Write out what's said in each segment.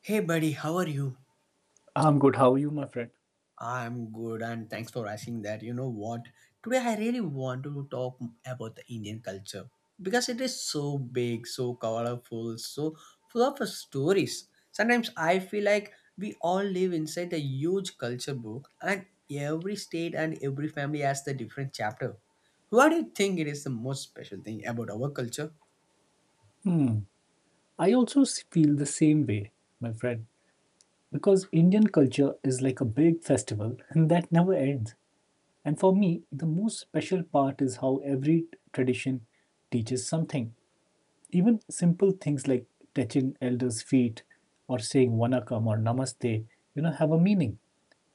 Hey buddy, how are you? I'm good. How are you, my friend? I'm good, and thanks for asking that. You know what? Today I really want to talk about the Indian culture because it is so big, so colorful, so full of stories. Sometimes I feel like we all live inside a huge culture book, and every state and every family has the different chapter. What do you think it is the most special thing about our culture? I feel the same way, my friend, because Indian culture is like a big festival and that never ends. And for me, the most special part is how every tradition teaches something. Even simple things like touching elders' feet or saying Wanakam or Namaste, have a meaning.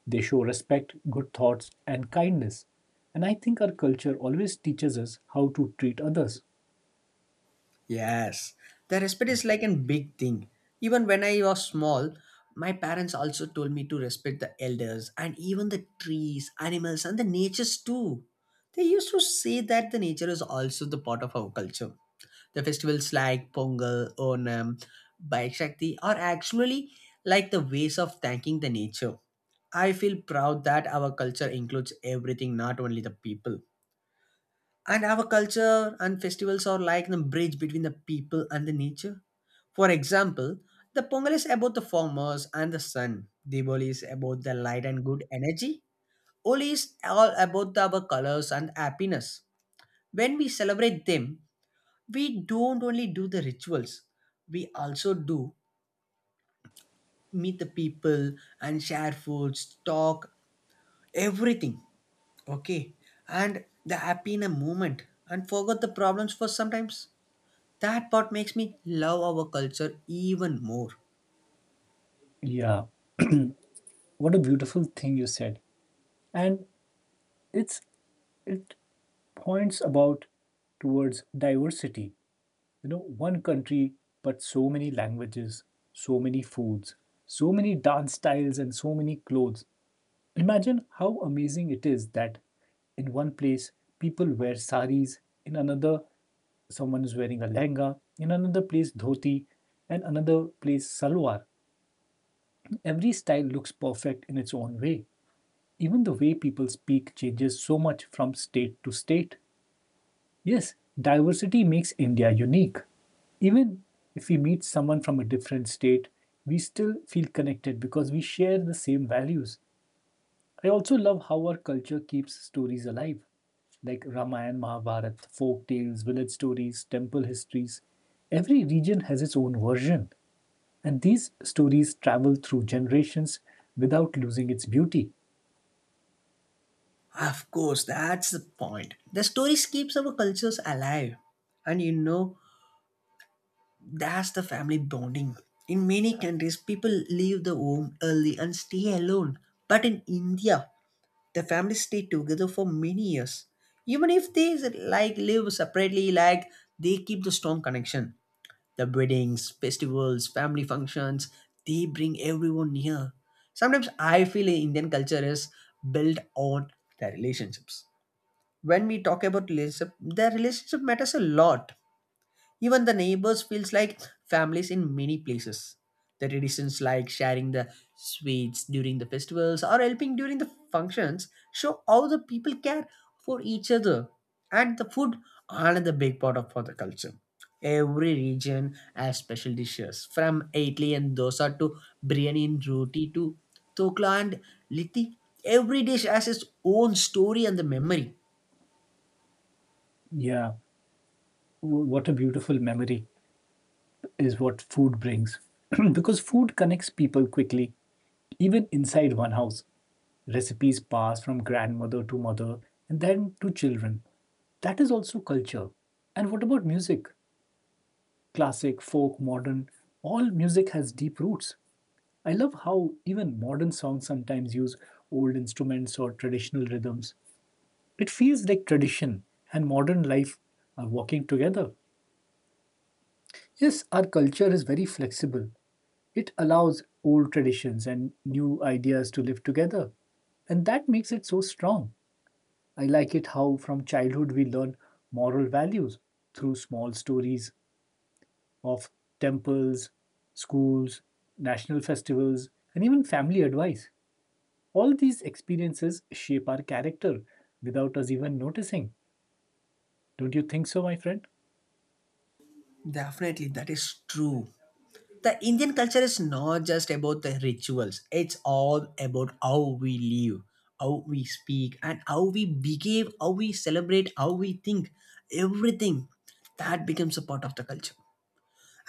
They show respect, good thoughts, and kindness. And I think our culture always teaches us how to treat others. Yes, the respect is like a big thing. Even when I was small, my parents also told me to respect the elders and even the trees, animals, and the natures too. They used to say that the nature is also the part of our culture. The festivals like Pongal, Onam, Baishakti are actually like the ways of thanking the nature. I feel proud that our culture includes everything, not only the people. And our culture and festivals are like the bridge between the people and the nature. For example, the Pongal is about the farmers and the sun. Diwali is about the light and good energy. Oli is all about the, our colors and happiness. When we celebrate them, we don't only do the rituals, we also do meet the people and share foods, talk, everything. Okay. And the happy in a moment and forget the problems for sometimes. That part makes me love our culture even more. Yeah, what a beautiful thing you said. And it's it points about towards diversity, you know, one country but so many languages, so many foods, so many dance styles, and so many clothes. Imagine how amazing it is that in one place people wear saris, in another someone is wearing a lehenga, in another place dhoti, and another place salwar. Every style looks perfect in its own way. Even the way people speak changes so much from state to state. Yes, diversity makes India unique. Even if we meet someone from a different state, we still feel connected because we share the same values. I also love how our culture keeps stories alive, like Ramayana, Mahabharata, folk tales, village stories, temple histories. Every region has its own version, and these stories travel through generations without losing its beauty. Of course, that's the point. The stories keeps our cultures alive. And you know, that's the family bonding. In many countries, people leave the home early and stay alone. But in India, the families stay together for many years. Even if they like live separately, like they keep the strong connection. The weddings, festivals, family functions, they bring everyone near. Sometimes I feel Indian culture is built on the relationships. When we talk about relationship, their relationship matters a lot. Even the neighbors feels like families in many places. The traditions like sharing the sweets during the festivals or helping during the functions show how the people care for each other. And the food, another big part of for the culture. Every region has special dishes from idli and dosa to biryani and roti to dokla and litti. Every dish has its own story and the memory. Yeah, what a beautiful memory is what food brings, because food connects people quickly. Even inside one house, recipes pass from grandmother to mother and then to children. That is also culture. And what about music? Classic, folk, modern, all music has deep roots. I love how even modern songs sometimes use old instruments or traditional rhythms. It feels like tradition and modern life are walking together. Yes, our culture is very flexible. It allows old traditions and new ideas to live together. And that makes it so strong. I like it how from childhood we learn moral values through small stories of temples, schools, national festivals, and even family advice. All these experiences shape our character without us even noticing. Don't you think so, my friend? Definitely, that is true. The Indian culture is not just about the rituals, it's all about how we live, how we speak, and how we behave, how we celebrate, how we think. Everything that becomes a part of the culture.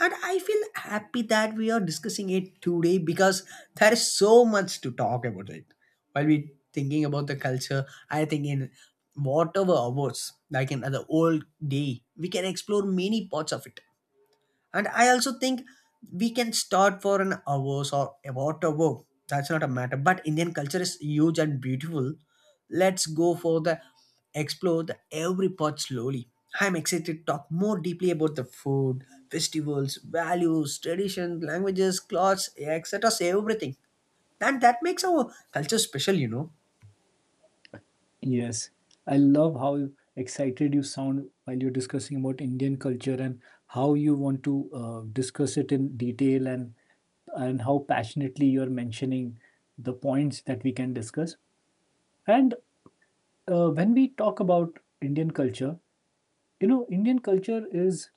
And I feel happy that we are discussing it today because there is so much to talk about it. While we thinking about the culture, I think in whatever hours, like in the whole day, we can explore many parts of it. And I also think we can start for an hours or about a hour. That's not a matter. But Indian culture is huge and beautiful. Let's go for the explore the every part slowly. I'm excited to talk more deeply about the food, festivals, values, traditions, languages, clothes, etc. Everything. And that makes our culture special, you know. Yes, I love how excited you sound while you're discussing about Indian culture, and how you want to discuss it in detail, and how passionately you're mentioning the points that we can discuss. And when we talk about Indian culture, you know, Indian culture is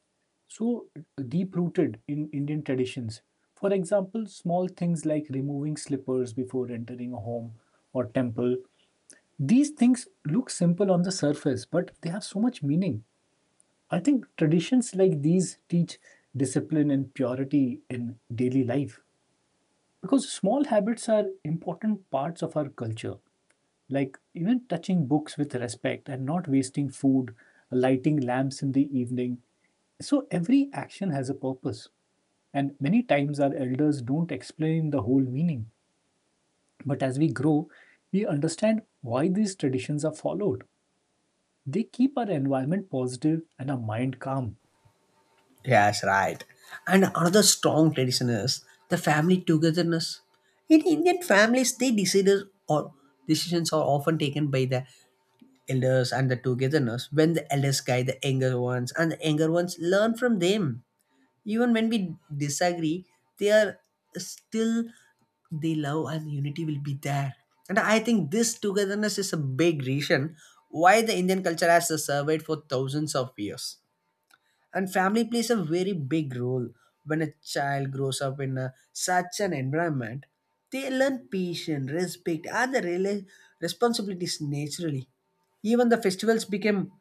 so deep rooted in Indian traditions. For example, small things like removing slippers before entering a home or temple, these things look simple on the surface, but they have so much meaning. I think traditions like these teach discipline and purity in daily life, because small habits are important parts of our culture, like even touching books with respect and not wasting food, lighting lamps in the evening. So every action has a purpose. And many times our elders don't explain the whole meaning. But as we grow, we understand why these traditions are followed. They keep our environment positive and our mind calm. Yes, right. And another strong tradition is the family togetherness. In Indian families, they decides or decisions are often taken by the elders and the togetherness. When the elders guide the younger ones, and the younger ones learn from them. Even when we disagree, they are still they love and unity will be there. And I think this togetherness is a big reason why the Indian culture has survived for thousands of years. And family plays a very big role. When a child grows up in a, such an environment, they learn patience, respect, and the responsibilities naturally. Even the festivals became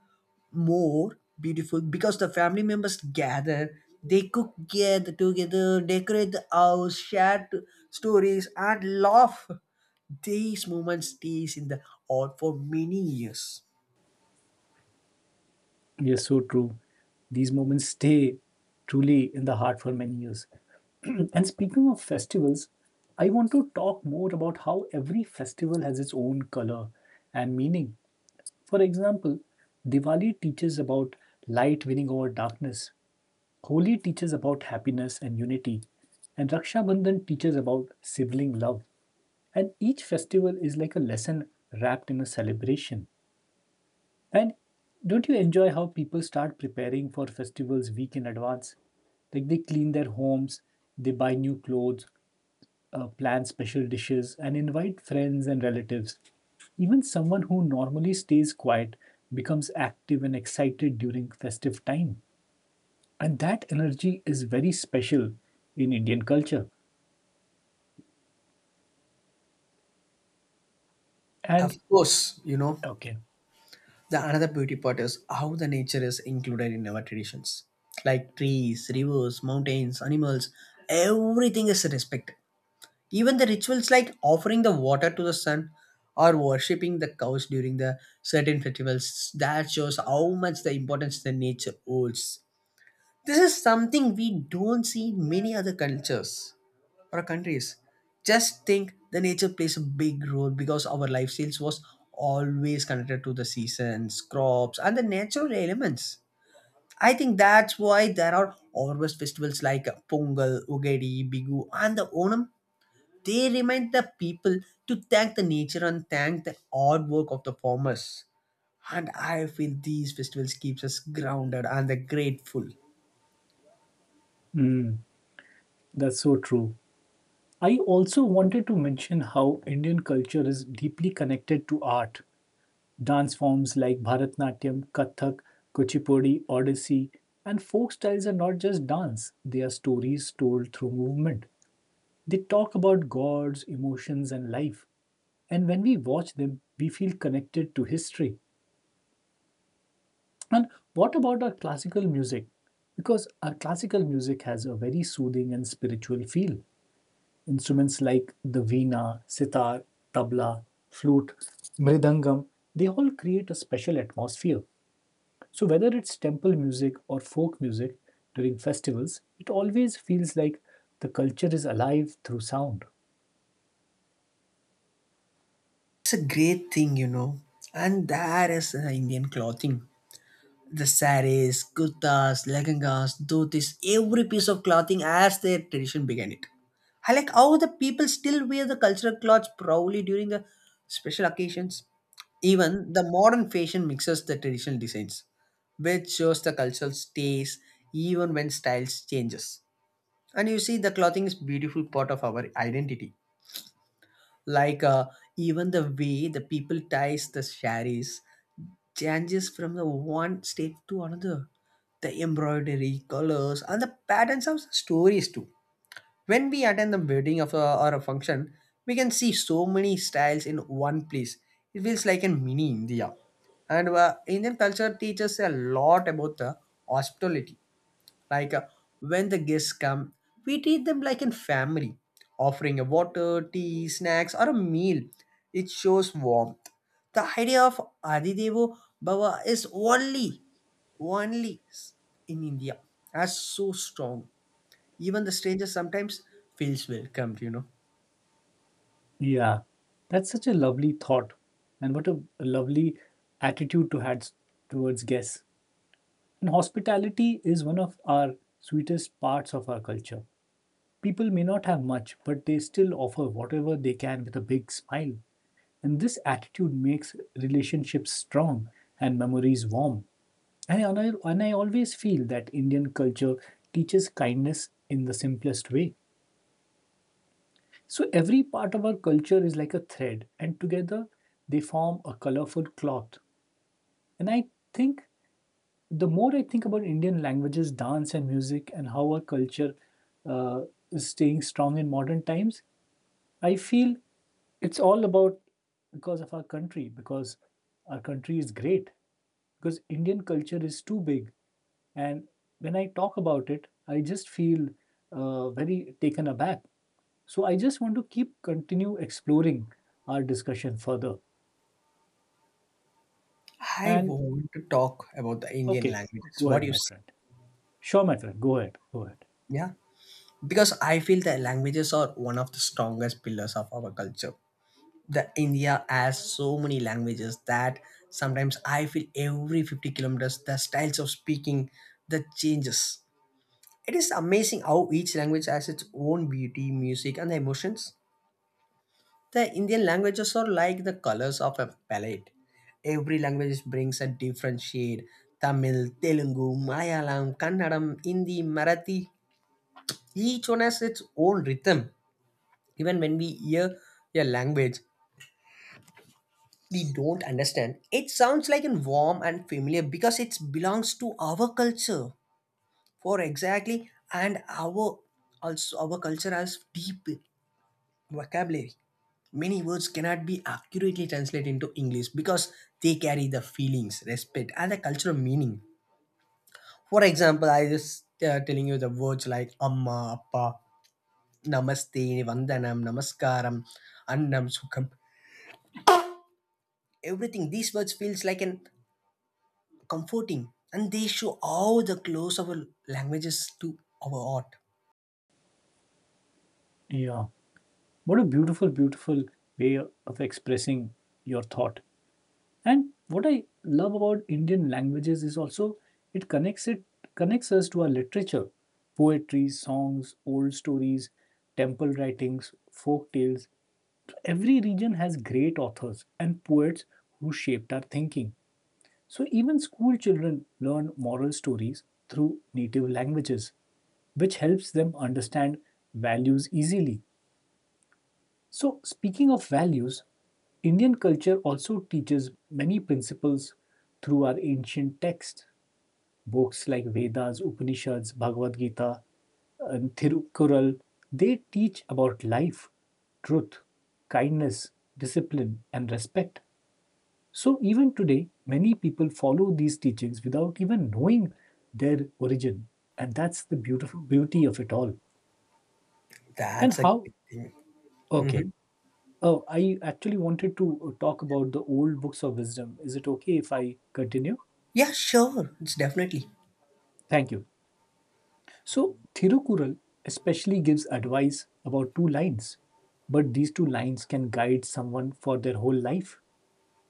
more beautiful because the family members gather, they cook get together, decorate the house, share stories, and laugh. These moments stays in the heart for many years. Yes, so true. These moments stay truly in the heart for many years. And speaking of festivals, I want to talk more about how every festival has its own color and meaning. For example, Diwali teaches about light winning over darkness, Holi teaches about happiness and unity, and Raksha Bandhan teaches about sibling love. And each festival is like a lesson wrapped in a celebration. And don't you enjoy how people start preparing for festivals week in advance? Like they clean their homes, they buy new clothes, plan special dishes, and invite friends and relatives. Even someone who normally stays quiet becomes active and excited during festive time. And that energy is very special in Indian culture. Of And course, you know. okay, The another beauty part is how the nature is included in our traditions. Like trees, rivers, mountains, animals, everything is respected. Even the rituals like offering the water to the sun or worshipping the cows during the certain festivals, that shows how much the importance the nature holds. This is something we don't see in many other cultures or countries. Just think the nature plays a big role because our lifestyles was always connected to the seasons, crops, and the natural elements. I think that's why there are harvest festivals like Pongal, Ugadi, Bigu, and the Onam. They remind the people to thank the nature and thank the hard work of the farmers. And I feel these festivals keeps us grounded and grateful. mm, that's so true. I also wanted to mention how Indian culture is deeply connected to art. Dance forms like Bharatnatyam, Kathak, Kuchipudi, Odissi, and folk styles are not just dance, they are stories told through movement. They talk about gods, emotions, and life. And when we watch them, we feel connected to history. And what about our classical music? Because our classical music has a very soothing and spiritual feel. Instruments like the veena, sitar, tabla, flute, mridangam, they all create a special atmosphere. So, whether it's temple music or folk music during festivals, it always feels like the culture is alive through sound. It's a great thing, you know. And that is Indian clothing. The saris, kurtas, lehengas, dhotis, every piece of clothing as their tradition began it. I like how the people still wear the cultural clothes proudly during the special occasions. Even the modern fashion mixes the traditional designs, which shows the cultural stays even when styles changes. And you see, the clothing is beautiful part of our identity, like even the way the people ties the saris changes from the one state to another. The embroidery colors and the patterns of stories too. When we attend the wedding of a, or a function, we can see so many styles in one place. It feels like in mini India. And Indian culture teaches a lot about the hospitality, like when the guests come, we treat them like a family, offering a water, tea, snacks, or a meal. It shows warmth. The idea of Adidevo Bhava is only, only in India as so strong. Even the stranger sometimes feels welcomed, you know. Yeah, that's such a lovely thought, and what a lovely attitude to had towards guests. And hospitality is one of our sweetest parts of our culture. People may not have much, but they still offer whatever they can with a big smile. And this attitude makes relationships strong and memories warm. And I always feel that Indian culture teaches kindness in the simplest way. So every part of our culture is like a thread, and together they form a colorful cloth. And I think the more I think about Indian languages, dance, and music, and how our culture uh, is staying strong in modern times, I feel it's all about, because of our country, because our country is great, because Indian culture is too big. And when I talk about it, I just feel very taken aback. So I just want to keep continue exploring our discussion further. I And want to talk about the Indian okay, languages. go What ahead, do you my say? friend. Sure, my friend. Go ahead. Go ahead. Yeah. Because I feel that languages are one of the strongest pillars of our culture. The India has so many languages that sometimes I feel every 50 kilometers the styles of speaking that changes. It is amazing how each language has its own beauty, music, and emotions. The Indian languages are like the colors of a palette. Every language brings a different shade. Tamil, Telugu, Malayalam, Kannadam, Hindi, Marathi. Each one has its own rhythm. Even when we hear a language, we don't understand. It sounds like and warm and familiar because it belongs to our culture for exactly. And our also our culture has deep vocabulary. Many words cannot be accurately translated into English because they carry the feelings, respect, and the cultural meaning. For example, I just telling you the words like amma, appa, namaste, vandanam, namaskaram, annam, sukham. Everything. These words feels like an comforting, and they show how the close our languages to our art. Yeah. What a beautiful, beautiful way of expressing your thought. And what I love about Indian languages is also it connects us to our literature, poetry, songs, old stories, temple writings, folk tales. So every region has great authors and poets who shaped our thinking. So even school children learn moral stories through native languages, which helps them understand values easily. So, speaking of values, Indian culture also teaches many principles through our ancient texts. Books like Vedas, Upanishads, Bhagavad Gita, and Thirukkural, they teach about life, truth, kindness, discipline, and respect. So, even today, many people follow these teachings without even knowing their origin. And that's the beautiful beauty of it all. And That's a how? great thing. Okay. Hmm. Oh, I actually wanted to talk about the old books of wisdom. Is it okay if I continue? Yeah, sure, it's definitely. Thank you. So, Thirukural especially gives advice about two lines, but these two lines can guide someone for their whole life.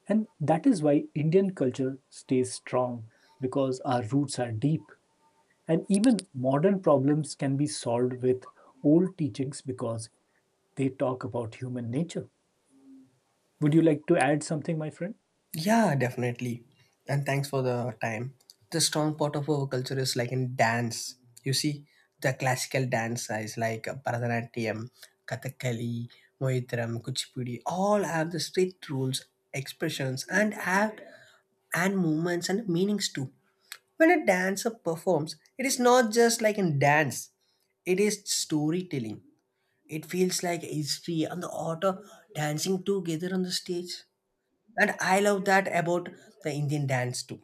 And that is why Indian culture stays strong, because our roots are deep. And even modern problems can be solved with old teachings because they talk about human nature. Would you like to add something, my friend? Yeah, definitely. And thanks for the time. The strong part of our culture is like in dance. You see, the classical dance is like bharatanatyam, kathakali, moitram, kuchipudi, all have the strict rules, expressions, and act, and movements and meanings too. When a dancer performs, it is not just like in dance, it is storytelling. It feels like history and the author dancing together on the stage. And I love that about the Indian dance too.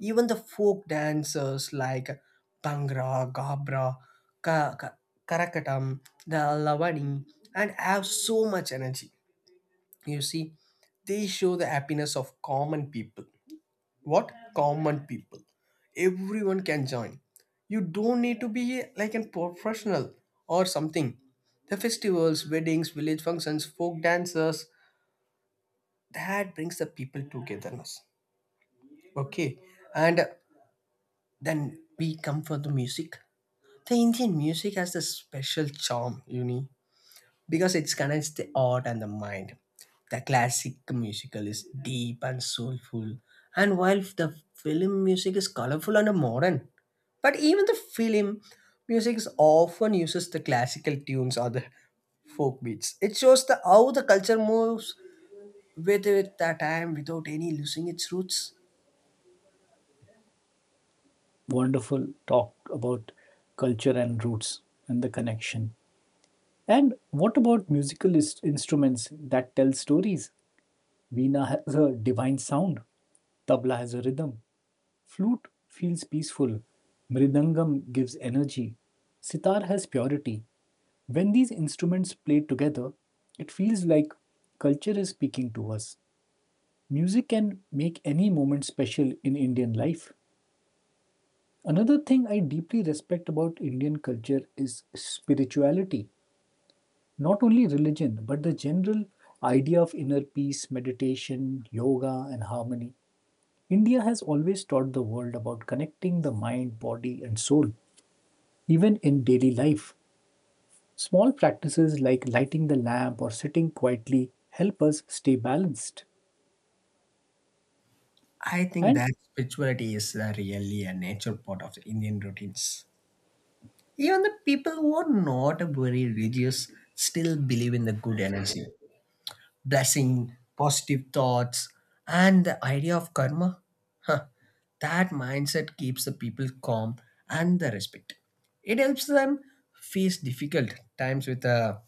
Even the folk dancers like Bhangra, Gabra, Ka- Ka- Karakatam, the Lavani, and have so much energy. You see, they show the happiness of common people, what common people everyone can join. You don't need to be like a professional or something. The festivals, weddings, village functions, folk dances, that brings the people togetherness. Okay. And then we come for the music. The Indian music has a special charm, you know, because it connects the art and the mind. The classic musical is deep and soulful, and while the film music is colorful and modern, but even the film music is often uses the classical tunes or the folk beats. It shows the how the culture moves with the time without any losing its roots. Wonderful talk about culture and roots and the connection. And what about instruments that tell stories? Veena has a divine sound, tabla has a rhythm, flute feels peaceful, mridangam gives energy, sitar has purity. When these instruments play together, it feels like culture is speaking to us. Music can make any moment special in Indian life. Another thing I deeply respect about Indian culture is spirituality. Not only religion, but the general idea of inner peace, meditation, yoga, and harmony. India has always taught the world about connecting the mind, body, and soul, even in daily life. Small practices like lighting the lamp or sitting quietly help us stay balanced. I think And that spirituality is the really a natural part of the Indian routines. Even the people who are not very religious still believe in the good energy, blessing, positive thoughts, and the idea of karma. Huh. That mindset keeps the people calm and the respect. It helps them face difficult times with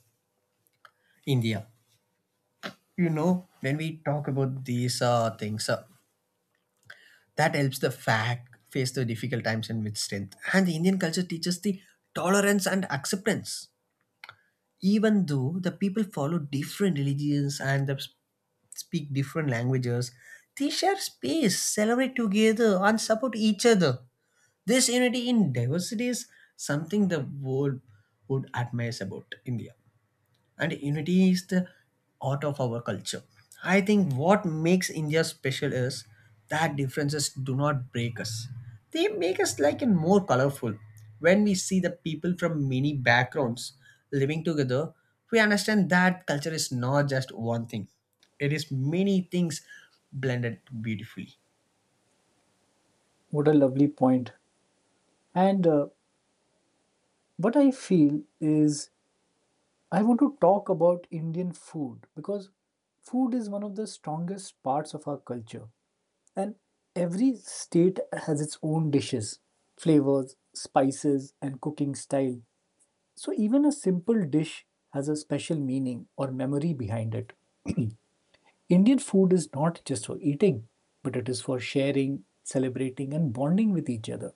India. You know, when we talk about these things, that helps the fact face the difficult times and with strength. And the Indian culture teaches the tolerance and acceptance. Even though the people follow different religions and the, speak different languages, they share space, celebrate together, and support each other. This unity in diversity is something the world would admire about India. And unity is the heart of our culture. I think what makes India special is that differences do not break us. They make us like and more colorful. When we see the people from many backgrounds living together, we understand that culture is not just one thing. It is many things blended beautifully. what a lovely point. And what I feel is I want to talk about Indian food, because food is one of the strongest parts of our culture. And every state has its own dishes, flavors, spices, and cooking style. So even a simple dish has a special meaning or memory behind it. Indian food is not just for eating, but it is for sharing, celebrating, and bonding with each other.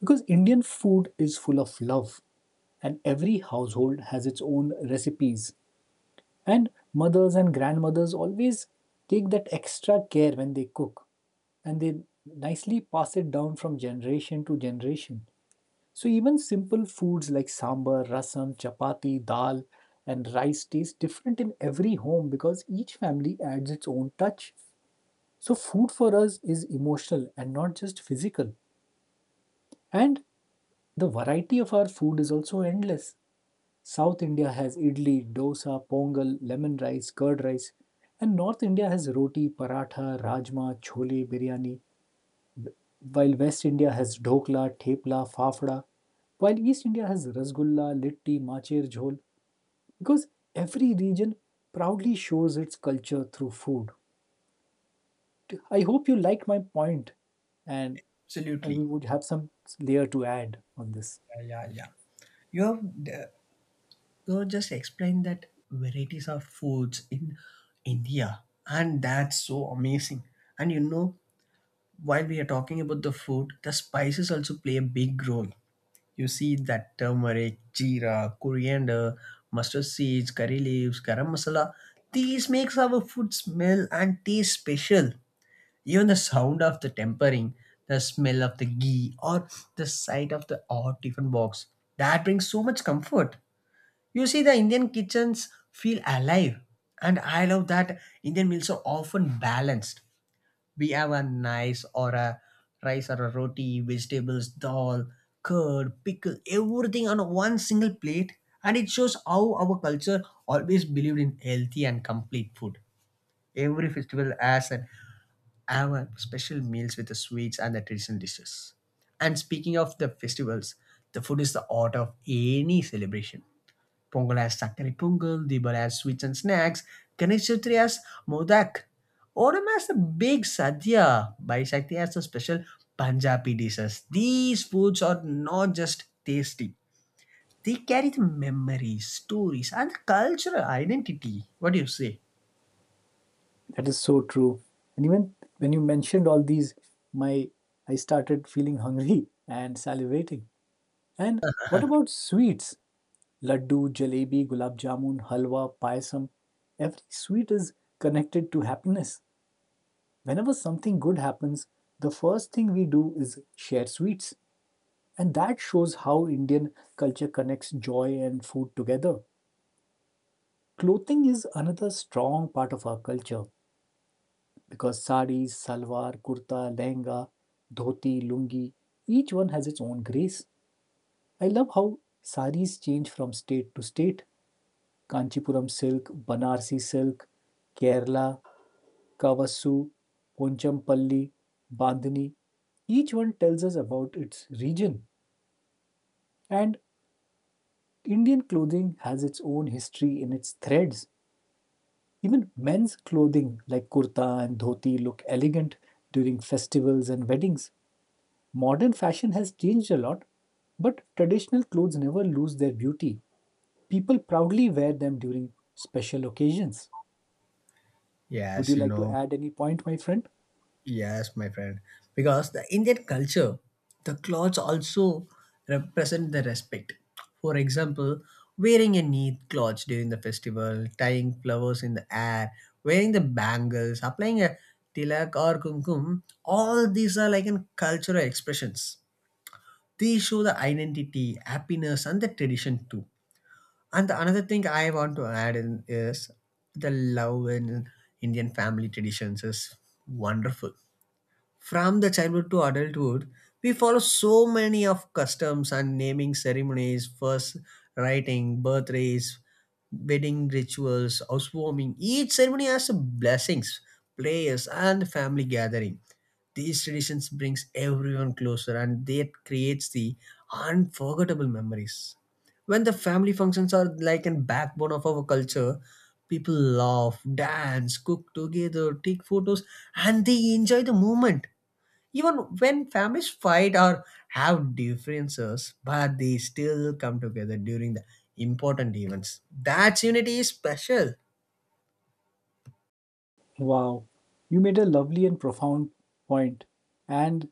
Because Indian food is full of love, and every household has its own recipes, and mothers and grandmothers always take that extra care when they cook, and they nicely pass it down from generation to generation. So even simple foods like sambar, rasam, chapati, dal, and rice taste different in every home, because each family adds its own touch. So food for us is emotional and not just physical. And the variety of our food is also endless. South India has idli, dosa, pongal, lemon rice, curd rice, and North India has roti, paratha, rajma, chole, biryani, while West India has dhokla, thepla, fafda, while East India has rasgulla, litti, macher jhol, because every region proudly shows its culture through food. I hope you like my point, and I Absolutely. would have some layer to add on this. Yeah, yeah, yeah. You have you just explained that varieties of foods in India, and that's so amazing. And you know, while we are talking about the food, the spices also play a big role. You see that turmeric, jeera, coriander, mustard seeds, curry leaves, garam masala. These makes our food smell and taste special. Even the sound of the tempering, the smell of the ghee, or the sight of the odd tiffin box, that brings so much comfort. You see, the Indian kitchens feel alive, and I love that Indian meals are often balanced. We have a nice or a rice or a roti, vegetables, dal, curd, pickle, everything on one single plate, and it shows how our culture always believed in healthy and complete food. Every festival has an have a special meals with the sweets and the traditional dishes. And speaking of the festivals, the food is the heart of any celebration. Pongal has Sakkari Pongal, Dibal has sweets and snacks, Ganesh Chaturthi has Modak, Onam has a big Sadhya, Baishakti has the special Punjabi dishes. These foods are not just tasty, they carry the memories, stories, and the cultural identity. What do you say? That is so true. And even when you mentioned all these, my I started feeling hungry and salivating. And what about sweets? Laddu, jalebi, gulab jamun, halwa, payasam. Every sweet is connected to happiness. Whenever something good happens, the first thing we do is share sweets. And that shows how Indian culture connects joy and food together. Clothing is another strong part of our culture, because sarees, salwar, kurta, lehenga, dhoti, lungi, each one has its own grace. I love how sarees change from state to state. Kanchipuram silk, Banarsi silk, Kerala, Kavassu, Ponchampalli, Bandhani. Each one tells us about its region. And Indian clothing has its own history in its threads. Even men's clothing like kurta and dhoti look elegant during festivals and weddings. Modern fashion has changed a lot, but traditional clothes never lose their beauty. People proudly wear them during special occasions. Would you Yes, you like to know. add any point, my friend? Yes, my friend. Because the Indian culture, the clothes also represent the respect. For example, wearing a neat cloth during the festival, tying flowers in the air, wearing the bangles, applying a tilak or kumkum, all these are like in cultural expressions. These show the identity, happiness, and the tradition too. And the another thing I want to add in is the love in Indian family traditions is wonderful. From the childhood to adulthood, we follow so many of customs and naming ceremonies, first writing, birthdays, wedding rituals, housewarming. Each ceremony has blessings, prayers, and family gathering. These traditions brings everyone closer, and that creates the unforgettable memories. When the family functions are like a backbone of our culture, people laugh, dance, cook together, take photos, and they enjoy the moment. Even when families fight or have differences, but they still come together during the important events. That unity is special. Wow, you made a lovely and profound point. And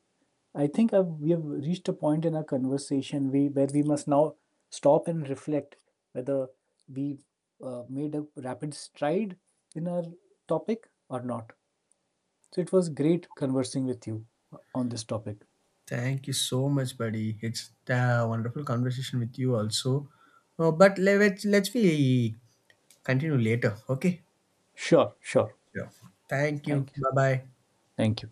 we have reached a point in our conversation where we must now stop and reflect whether we made a rapid stride in our topic or not. So it was great conversing with you on this topic. Thank you so much, buddy. It's a wonderful conversation with you also. But let's we continue later. Okay. Sure, sure. Sure. Thank Thank you. you. Bye bye. Thank you.